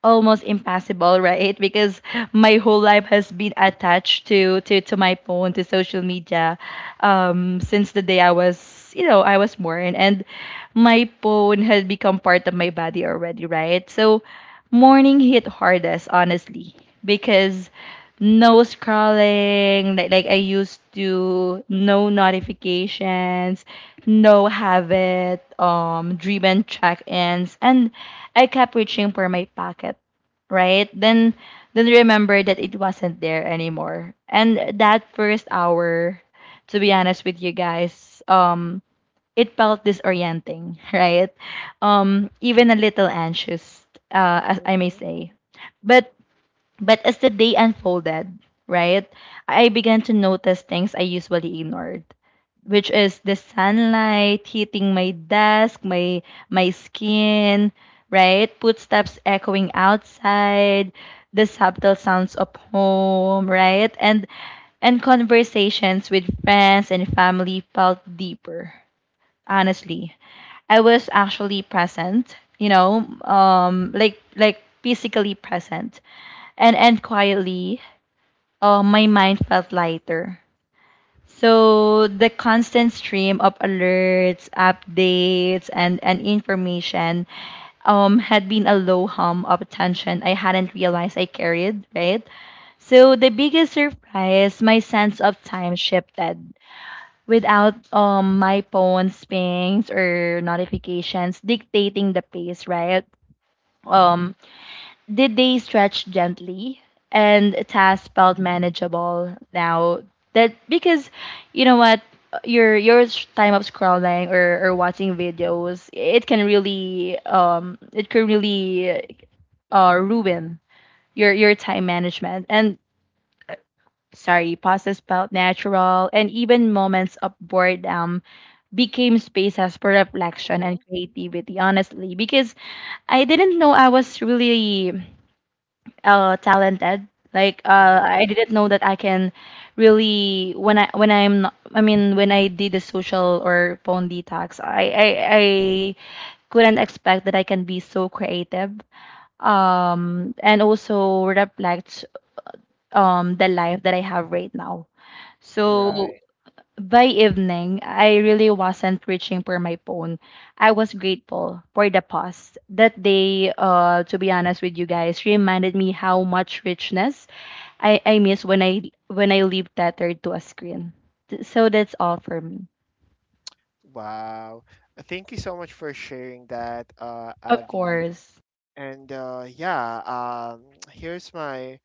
almost impossible, right? Because my whole life has been attached to to, to my phone, to social media, um, since the day I was, you know, I was born, and my phone had become part of my body already, right? So morning hit hardest, honestly, because no scrolling like like I used to, no notifications, no habit um driven check-ins, and I kept reaching for my pocket, right? Then then remember that it wasn't there anymore. And that first hour, to be honest with you guys, um it felt disorienting, right? Um even a little anxious, uh as I may say, but but as the day unfolded, right, I began to notice things I usually ignored, which is the sunlight hitting my desk, my my skin, right? Footsteps echoing outside, the subtle sounds of home, right? And and conversations with friends and family felt deeper, honestly. I was actually present, you know, um, like like physically present, and end quietly, uh, my mind felt lighter. So the constant stream of alerts, updates, and, and information um, had been a low hum of tension I hadn't realized I carried, right? So the biggest surprise, my sense of time shifted. Without um my phone's pings or notifications dictating the pace, right? Um the day stretched gently, and tasks felt manageable now. That because you know what, your your s- time of scrolling, or, or watching videos, it can really um it can really uh ruin your your time management. And sorry, pauses felt natural, and even moments of boredom became spaces for reflection
Mm-hmm.
and creativity. Honestly, because I didn't know I was really uh talented. Like, uh
Mm-hmm.
I didn't know that I can really when I when I'm not I mean, when I did the social or phone detox, I I, I couldn't expect that I can be so creative. Um and also reflect um the life that I have right now. So
Right.
by evening, I really wasn't reaching for my phone. I was grateful for the pause. That day, uh, to be honest with you guys, reminded me how much richness I, I miss when I when I leave tethered to a screen. Th- So that's all for me.
Wow. Uh, Thank you so much for sharing that, uh,
Of
Avi.
course.
And uh, yeah, um, here's my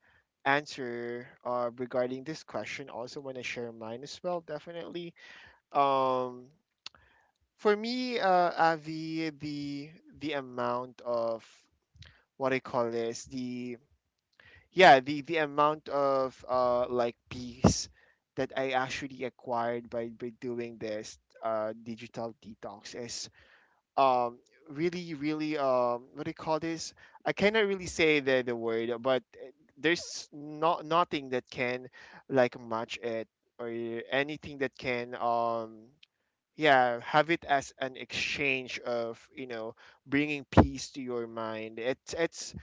answer uh, regarding this question. Also, want to share mine as well, definitely. Um, For me, uh, Avi, the the amount of what I call this, the yeah, the the amount of uh like peace that I actually acquired by by doing this uh digital detox is um really really um what do you call this? I cannot really say the the word, but uh, there's not nothing that can like match it, or anything that can um yeah, have it as an exchange of, you know, bringing peace to your mind. it's it's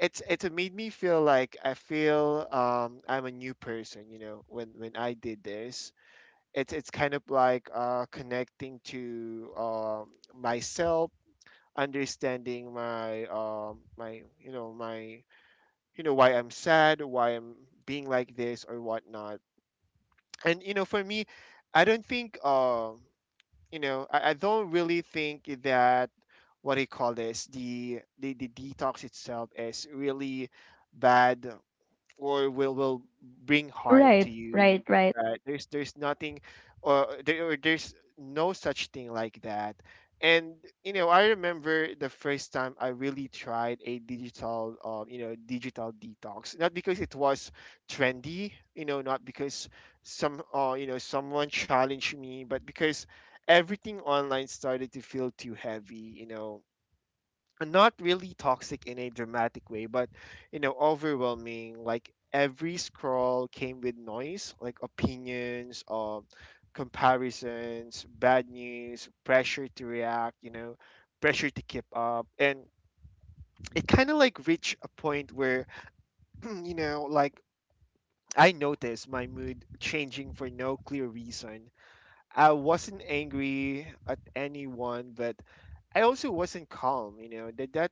it's It's made me feel like I feel, um I'm a new person, you know, when when I did this. It's it's kind of like uh connecting to, um myself, understanding my um my you know, my, you know, why I'm sad, why I'm being like this or whatnot. And you know, for me, I don't think um you know, I, I don't really think that what do you call this, the the, the detox itself is really bad or will will bring harm to
Right,
you,
right, right,
right. There's there's nothing, or there or there's no such thing like that. And you know, I remember the first time I really tried a digital um you know, digital detox, not because it was trendy, you know, not because some uh you know, someone challenged me, but because everything online started to feel too heavy, you know, not really toxic in a dramatic way, but you know, overwhelming. Like every scroll came with noise, like opinions, um, comparisons, bad news, pressure to react, you know, pressure to keep up. And it kind of like reached a point where, you know, like I noticed my mood changing for no clear reason. I wasn't angry at anyone, but I also wasn't calm. You know that that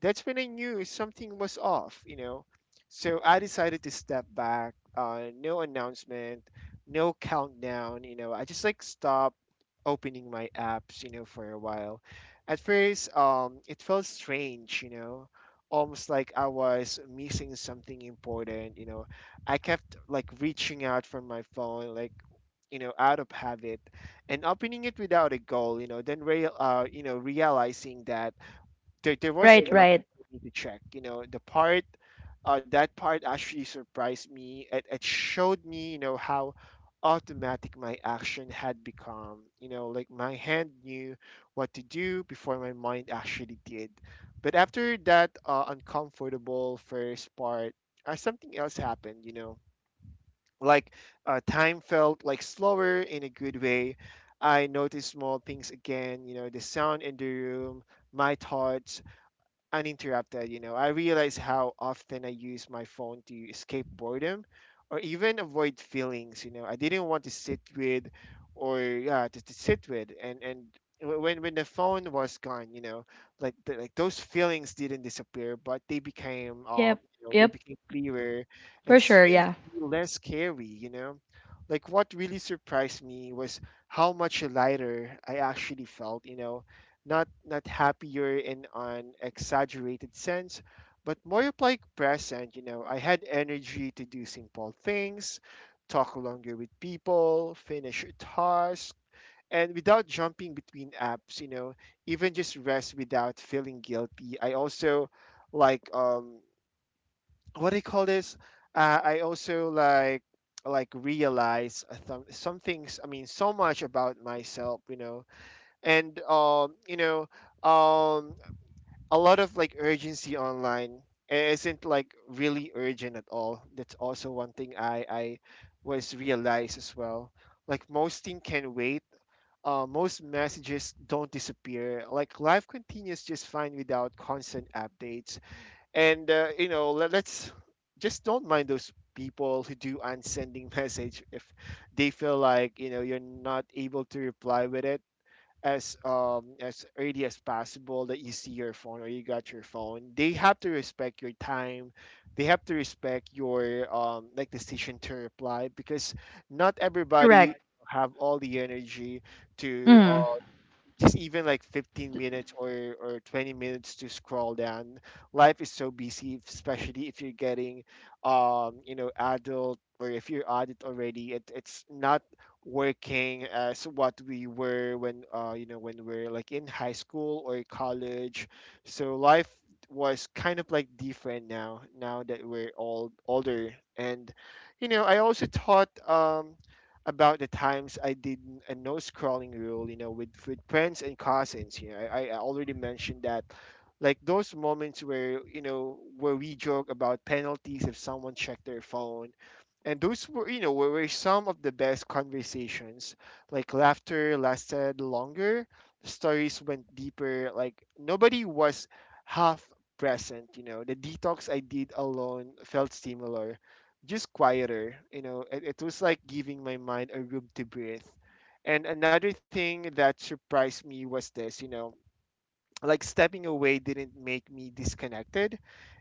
that's when I knew something was off. You know, so I decided to step back. Uh, no announcement, no countdown. You know, I just like stopped opening my apps. You know, for a while. At first, um, it felt strange. You know, almost like I was missing something important. You know, I kept like reaching out from my phone, like you know, out of habit, and opening it without a goal, you know, then real, uh you know, realizing that there, there was
right,
nothing
right.
for me to check, you know. The part, uh that part actually surprised me. It, it showed me, you know, how automatic my action had become, you know, like my hand knew what to do before my mind actually did. But after that uh, uncomfortable first part, uh, something else happened, you know. Like uh, time felt like slower in a good way. I noticed small things again, you know, the sound in the room, my thoughts uninterrupted, you know. I realize how often I use my phone to escape boredom or even avoid feelings, you know, I didn't want to sit with, or yeah, to to sit with. And and wh- when when the phone was gone, you know, like the, like those feelings didn't disappear, but they became, um,
Yep,
you know, they
yep,
became clearer, and
for sure.
strangely
Yeah,
less scary, you know. Like what really surprised me was how much lighter I actually felt, you know, not not happier in an exaggerated sense, but more of like present. You know, I had energy to do simple things, talk longer with people, finish a task, and without jumping between apps. You know, even just rest without feeling guilty. I also like um what do you call this? Uh, I also like like realize uh, some some things. I mean, so much about myself. You know, and um you know um a lot of like urgency online isn't like really urgent at all. That's also one thing I I was realized as well. Like most thing can wait. Uh, most messages don't disappear. Like life continues just fine without constant updates. And uh, you know, let, let's just don't mind those people who do unsending message if they feel like, you know, you're not able to reply with it as um as early as possible, that you see your phone or you got your phone. They have to respect your time, they have to respect your um like decision to reply, because not everybody
correct.
have all the energy to
Mm.
uh just even like fifteen minutes or or twenty minutes to scroll down. Life is so busy, especially if you're getting um you know adult, or if you're adult already. It, it's not working as what we were when uh you know, when we're like in high school or college. So life was kind of like different now, now that we're all older. And you know, I also thought um about the times I did a no scrolling rule, you know, with with friends and cousins. You know, I, I already mentioned that, like those moments where you know where we joke about penalties if someone checked their phone, and those were you know were, were some of the best conversations. Like laughter lasted longer, stories went deeper. Like nobody was half present. You know, the detox I did alone felt similar, just quieter. You know, it, it was like giving my mind a room to breathe. And another thing that surprised me was this, you know, like stepping away didn't make me disconnected.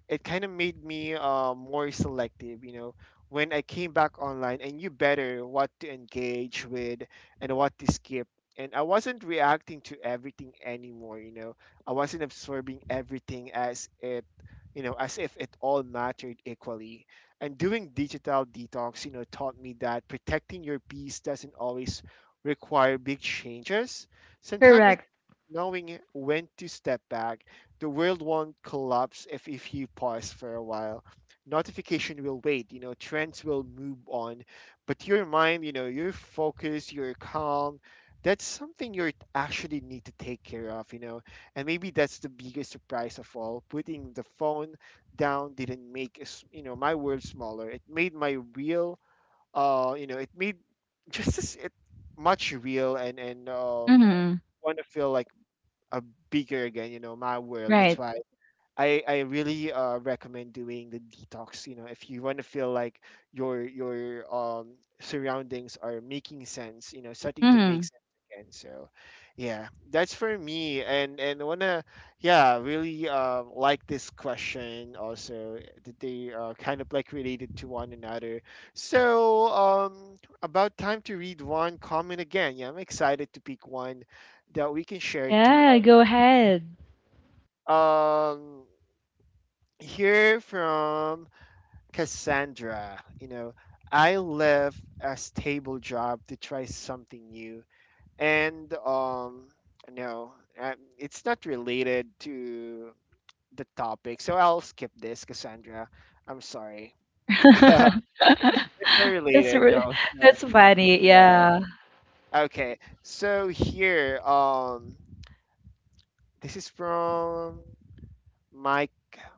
It kind of made me uh, more selective, you know. When I came back online, I knew better what to engage with and what to skip. And I wasn't reacting to everything anymore, you know. I wasn't absorbing everything as it, you know, as if it all mattered equally. And doing digital detox, you know, taught me that protecting your peace doesn't always require big changes. Sometimes
Correct.
knowing when to step back. The world won't collapse if, if you pause for a while. Notification will wait, you know, trends will move on. But your mind, you know, your focus, your calm, that's something you actually need to take care of, you know. And maybe that's the biggest surprise of all. Putting the phone down didn't make, us- you know, my world smaller. It made my real, uh, you know, it made just as it much real and and um,
Mm.
want to feel like uh, bigger again, you know, my world. That's
Right.
why I, I really uh, recommend doing the detox, you know, if you want to feel like your your um surroundings are making sense, you know, starting to make
Mm.
sense again. So yeah, that's for me. And and I wanna yeah, really uh, like this question also, that they are kind of like related to one another. So um about time to read one comment again. Yeah, I'm excited to pick one that we can share to.
Yeah, go ahead.
um Here from Cassandra, you know, I left a stable job to try something new and um no, um, it's not related to the topic, so I'll skip this, Cassandra. I'm sorry, it's not
that's
related
re-
though. So
that's funny.
yeah.
Yeah,
Okay, so here, um this is from Mike,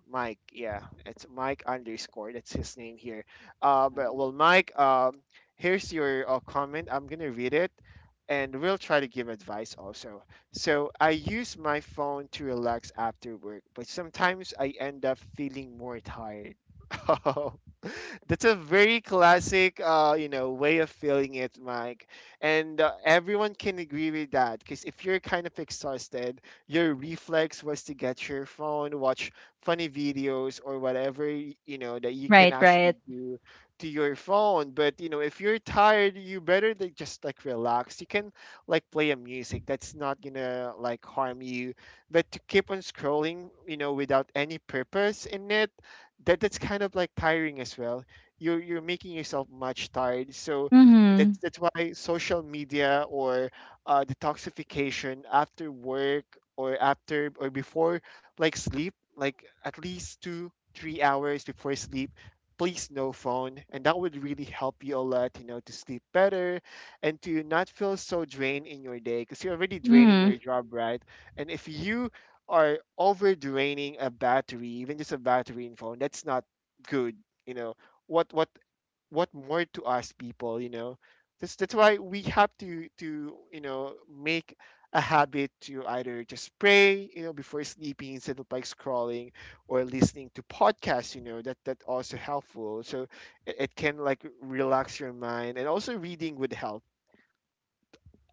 Mike, yeah, it's Mike underscore. That's his name here. Uh, but, well, Mike, um, here's your uh, comment. I'm gonna read it, and we'll try to give advice also. So I use my phone to relax after work, but sometimes I end up feeling more tired. Oh, that's a very classic, uh, you know, way of feeling it, Mike. And uh, everyone can agree with that, because if you're kind of exhausted, your reflex was to get your phone, watch funny videos or whatever y- you know that you can
right,
actually
right.
do to your phone. But you know, if you're tired, you better like, just like relax. You can like play a music that's not gonna like harm you. But to keep on scrolling, you know, without any purpose in it, that that's kind of like tiring as well. You're you're making yourself much tired. So that's
Mm.
that's why social media or uh, detoxification after work or after or before like sleep, like at least two, three hours before sleep. Please no phone, and that would really help you a lot, you know, to sleep better and to not feel so drained in your day, because you're already drained in
Mm.
your job, right? And if you are over draining a battery, even just a battery in phone, that's not good, you know. What what what more to us people, you know, that's that's why we have to to you know make a habit to either just pray, you know, before sleeping, instead of like scrolling or listening to podcasts. You know, that that also helpful. So it, it can like relax your mind, and also reading would help.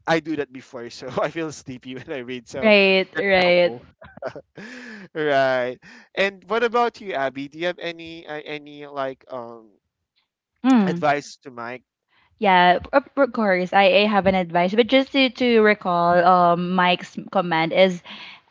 I do that before, so I feel sleepy when I read, so
Right,
that's
right.
helpful. Right. And what about you, Abby, do you have any uh, any like um
Mm.
advice to Mike?
Yeah, of of course. I, I have an advice, but just to, to recall, um, Mike's command is,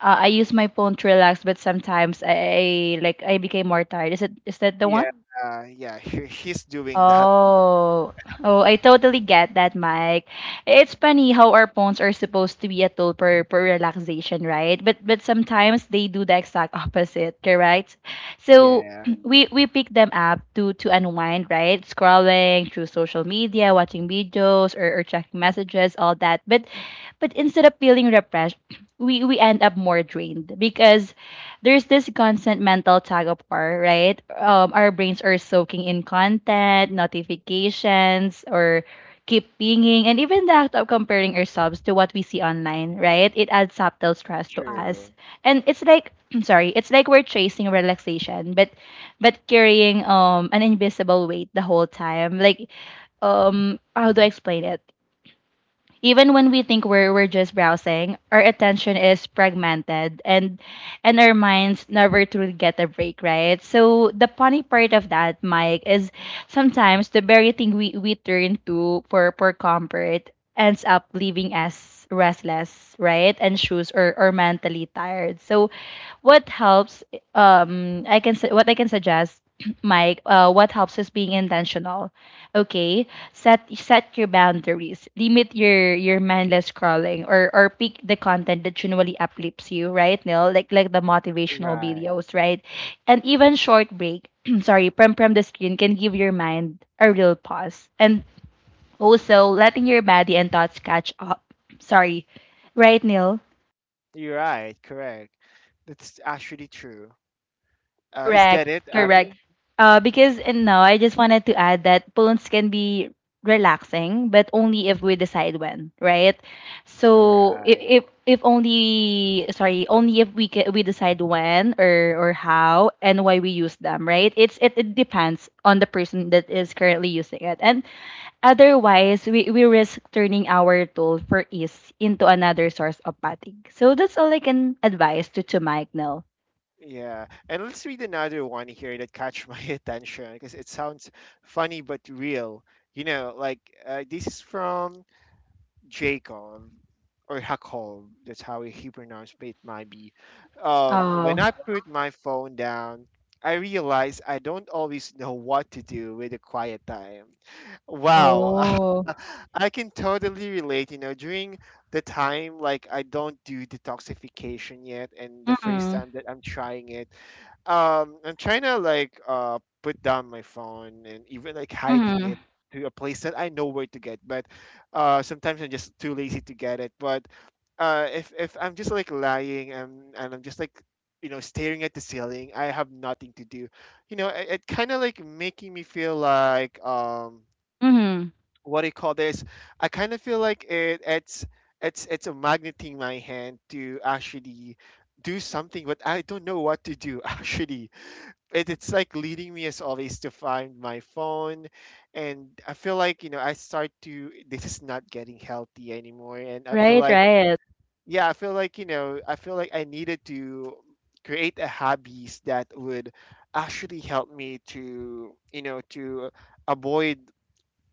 uh, I use my phone to relax, but sometimes I, I like I became more tired. Is it is that the one?
Yeah. uh, yeah, he, he's doing that.
Oh, oh, I totally get that, Mike. It's funny how our phones are supposed to be a tool for, for relaxation, right? But but sometimes they do the exact opposite, correct? So
Yeah,
we we pick them up to to unwind, right? Scrolling through social media, watching videos, or, or checking messages, all that. But but instead of feeling refreshed, we we end up more drained, because there's this constant mental tug of war, right? Um, our brains are soaking in content, notifications, or keep pinging, and even the act of comparing ourselves to what we see online, right? It adds subtle stress to us,
true.
and it's like, I'm sorry, it's like we're chasing relaxation, but but carrying um an invisible weight the whole time, like, um how do I explain it? Even when we think we're we're just browsing, our attention is fragmented, and and our minds never truly get a break, right? So the funny part of that, Mike, is sometimes the very thing we, we turn to for, for comfort ends up leaving us restless, right? And shoes, or, or mentally tired. So what helps, um I can su- what I can suggest, Mike, uh, what helps is being intentional. Okay, set set your boundaries. Limit your your mindless scrolling, or or pick the content that genuinely uplifts you, right, Neil? Like like the motivational
Right.
videos, right? And even short break, sorry, from from the screen can give your mind a real pause. And also letting your body and thoughts catch up. Sorry, right, Neil?
You're right, correct. That's actually true. Uh, is that
Correct,
it,
correct.
Abby?
Uh, because and now I just wanted to add that phones can be relaxing, but only if we decide when, right? So if
Right.
if, if only, sorry, only if we can, we decide when, or or how and why we use them, right? It's it, it depends on the person that is currently using it, and otherwise we we risk turning our tool for ease into another source of fatigue. So that's all I can advise to to Mike now.
Yeah. And let's read another one here that catch my attention because it sounds funny but real. You know, like uh, this is from Jacob or Jacob, that's how he pronounced it might be. Um, when
Oh.
I put my phone down, I realize I don't always know what to do with a quiet time. Wow.
Oh.
I can totally relate, you know. During the time like I don't do detoxification yet, and the first
Mhm,
time that I'm trying it, um I'm trying to like uh put down my phone and even like hiding
mhm,
it to a place that I know where to get. But uh sometimes I'm just too lazy to get it. But uh if if I'm just like lying and and I'm just like, you know, staring at the ceiling, I have nothing to do. You know, it, it kind of like making me feel like um
mhm.
what do you call this? I kind of feel like it it's it's it's a magnet in my hand to actually do something, but I don't know what to do. Actually, it, it's like leading me as always to find my phone, and I feel like, you know, I start to, this is not getting healthy anymore, and I feel
Right,
like,
right.
yeah, I feel like, you know, I feel like I needed to create a hobbies that would actually help me to, you know, to avoid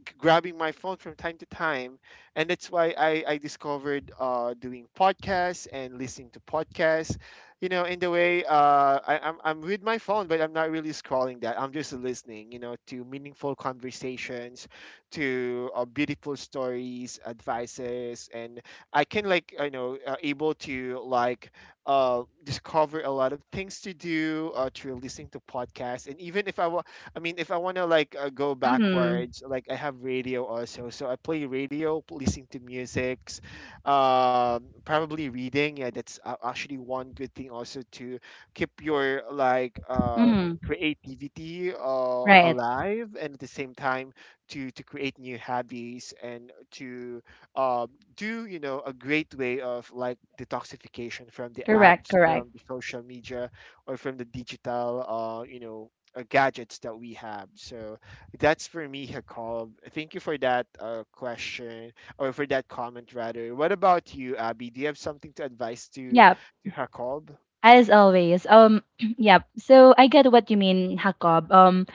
like grabbing my phone from time to time. And that's why I I discovered uh doing podcasts and listening to podcasts. You know, in the way uh I, I'm I'm with my phone, but I'm not really scrolling that. I'm just listening. You know, to meaningful conversations, to uh, beautiful stories, advices, and I can like you know uh, able to like uh discover a lot of things to do uh, through listening to podcasts. And even if I I mean, if I want to like uh, go
Mhm,
backwards, like I have radio also, so I play radio, listening to musics, um, probably reading. Yeah, that's a- actually one good thing also to keep your like uh
mhm.
creativity uh
Right.
alive, and at the same time to to create new hobbies and to um do you know, a great way of like detoxification from the
Correct,
apps,
correct.
from the social media, or from the digital uh you know uh, gadgets that we have. So that's for me, Hakal. Thank you for that uh, question or for that comment, rather. What about you, Abby? Do you have something to advise to
Yeah,
to Hakal?
as always, um, yeah. So I get what you mean, Jacob. Um,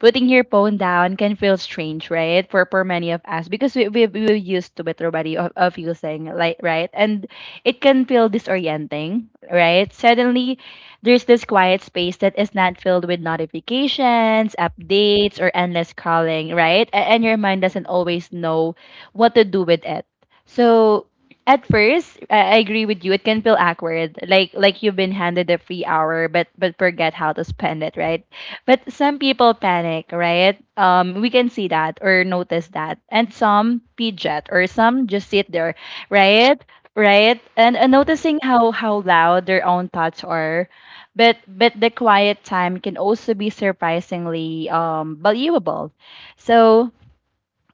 Putting your phone down can feel strange, right? For for many of us, because we we we used to it already, of, of using, like, right, and it can feel disorienting, right? Suddenly, there's this quiet space that is not filled with notifications, updates, or endless calling, right? A- And your mind doesn't
Hmm.
always know what to do with it. So at first, I I agree with you. It can feel awkward, like like you've been handed a free hour, but but forget how to spend it, right? But some people panic, right? Um, we can see that or notice that, and some fidget or some just sit there, right? Right? And, and
Hmm.
noticing how how loud their own thoughts are, but but the quiet time can also be surprisingly um valuable. So,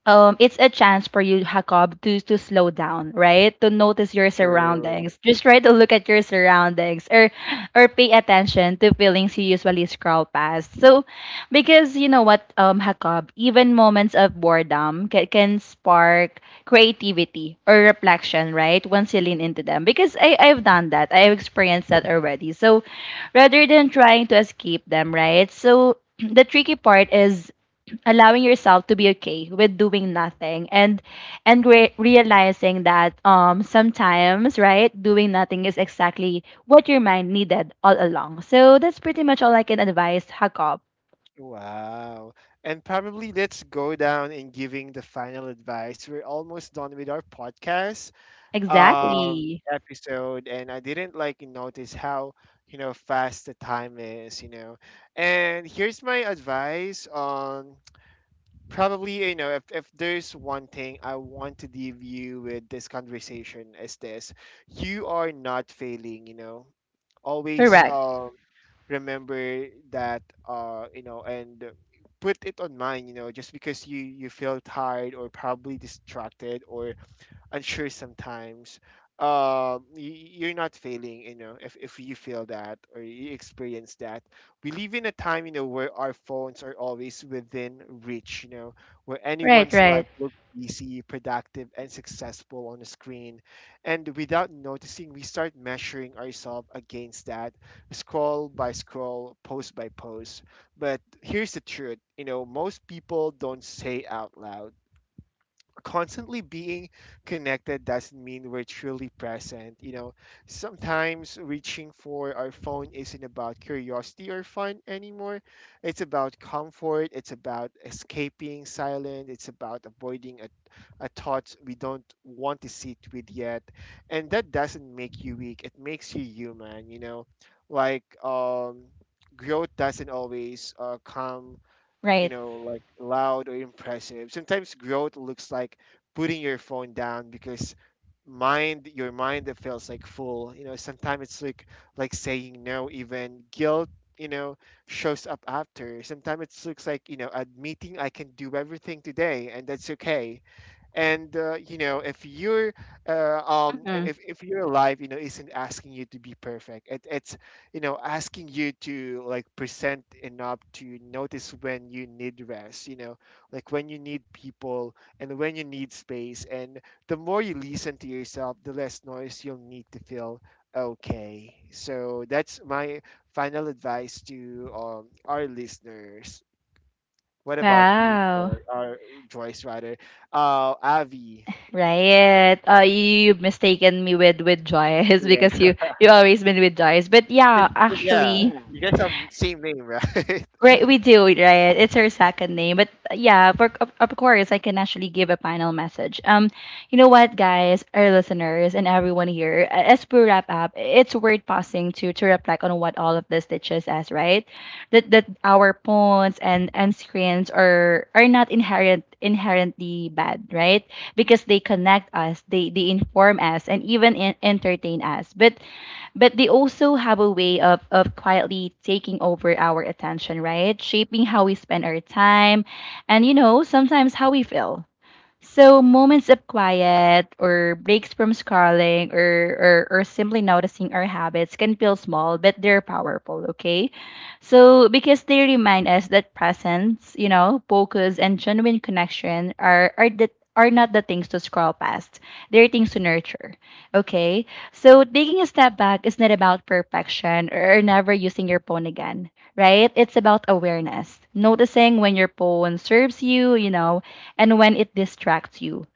um, it's a chance for you, Jacob, to to slow down, right? To notice your
True.
surroundings. Just try to look at your surroundings, or or pay attention to feelings you usually scroll past. So, because you know what, um, Jacob, even moments of boredom can, can spark creativity or reflection, right? Once you lean into them, because I I've done that. I've experienced that already. So, rather than trying to escape them, right? So the tricky part is allowing yourself to be okay with doing nothing, and and re- realizing that um sometimes, right, doing nothing is exactly what your mind needed all along. So that's pretty much all I can advise, Hakop.
Wow. And probably let's go down in giving the final advice. We're almost done with our podcast um
Exactly.
episode, and I didn't like notice how, you know, fast the time is, you know. And here's my advice on probably, you know, if, if there's one thing I want to leave you with this conversation, is this: you are not failing, you know, always.
Correct.
Um remember that, uh you know, and put it on mind, you know. Just because you you feel tired or probably distracted or unsure sometimes, um y- you're not failing, you know, if, if you feel that or you experience that. We live in a time, you know, where our phones are always within reach, you know, where
Right,
anyone's life
right,
looks busy, productive, and successful on the screen, and without noticing we start measuring ourselves against that, scroll by scroll, post by post. But here's the truth, you know, most people don't say out loud: constantly being connected doesn't mean we're truly present. You know, sometimes reaching for our phone isn't about curiosity or fun anymore. It's about comfort, it's about escaping silence, it's about avoiding a, a thought we don't want to sit with yet. And that doesn't make you weak, it makes you human, you know. Like, um, growth doesn't always uh, come, you
right.
know, like loud or impressive. Sometimes growth looks like putting your phone down because mind your mind that feels like full. You know, sometimes it's like like saying no even guilt, you know, shows up after. Sometimes it looks like, you know, admitting I can do everything today and that's okay. And uh, you know, if you're uh, um
Mhm.
if, if your life, you know, isn't asking you to be perfect, it, it's you know asking you to like present enough to notice when you need rest, you know, like when you need people and when you need space. And the more you listen to yourself, the less noise you'll need to feel okay. So that's my final advice to, um, our listeners. What about you,
Wow.
Joy, or Joyce rather? Uh, Avi.
Right. uh you you've mistaken me with with Joyce
Yeah.
because you you always been with Joyce, but yeah,
Yeah.
actually,
You guys have same name, right?
right, we do, right? It's her second name, but uh, yeah, for, of, of course, I can actually give a final message. Um, you know what, guys, our listeners and everyone here, a- as we wrap up, it's worth pausing to to reflect on what all of this teaches us, right? That that our phones and and screens are are not inherent inherently bad, right? Because they connect us, they they inform us, and even en- entertain us, but but they also have a way of, of quietly taking over our attention, right? Shaping how we spend our time and, you know, sometimes how we feel. So moments of quiet or breaks from scrolling or, or or simply noticing our habits can feel small, but they're powerful, okay? So because they remind us that presence, you know, focus and genuine connection are are the are not the things to scroll past. They're things to nurture. Okay? So taking a step back is not about perfection or never using your phone again, right? It's about awareness. Noticing when your phone serves you, you know, and when it distracts you,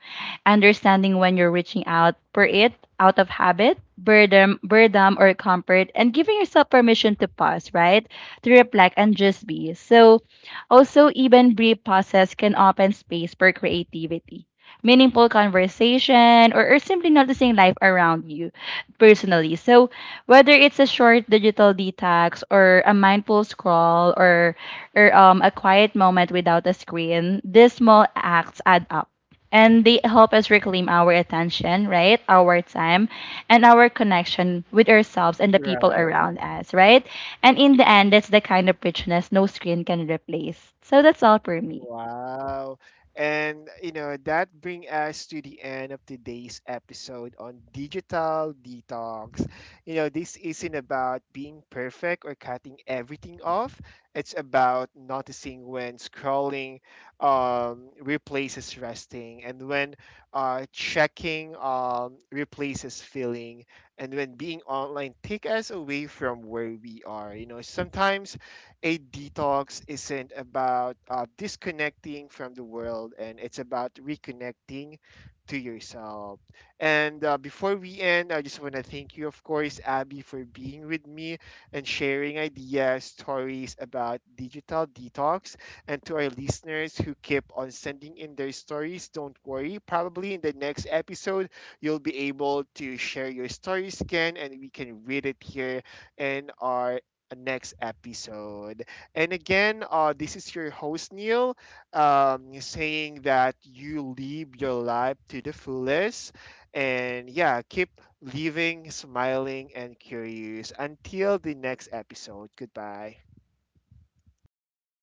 understanding when you're reaching out for it out of habit, boredom, boredom or comfort, and giving yourself permission to pause, right? To reflect and just be. So also even brief pauses can open space for creativity. Meaningful conversation, or, or simply noticing life around you personally. So whether it's a short digital detox or a mindful scroll, or or um, a quiet moment without a screen, these small acts add up, and they help us reclaim our attention, right? Our time and our connection with ourselves and the people
Right.
around us, right? And in the end, that's the kind of richness no screen can replace. So that's all for me.
Wow. And you know, that brings us to the end of today's episode on digital detox. You know, this isn't about being perfect or cutting everything off. It's about noticing when scrolling um replaces resting, and when uh checking um replaces feeling, and when being online take us away from where we are. You know, sometimes a detox isn't about uh, disconnecting from the world, and it's about reconnecting to yourself. And uh, before we end, I just want to thank you, of course, Abby, for being with me and sharing ideas, stories about digital detox. And to our listeners who keep on sending in their stories, don't worry. Probably in the next episode, you'll be able to share your stories again, and we can read it here in our next episode. And again, uh, this is your host, Neil, um, saying that you live your life to the fullest. And yeah, keep living, smiling, and curious. Until the next episode. Goodbye.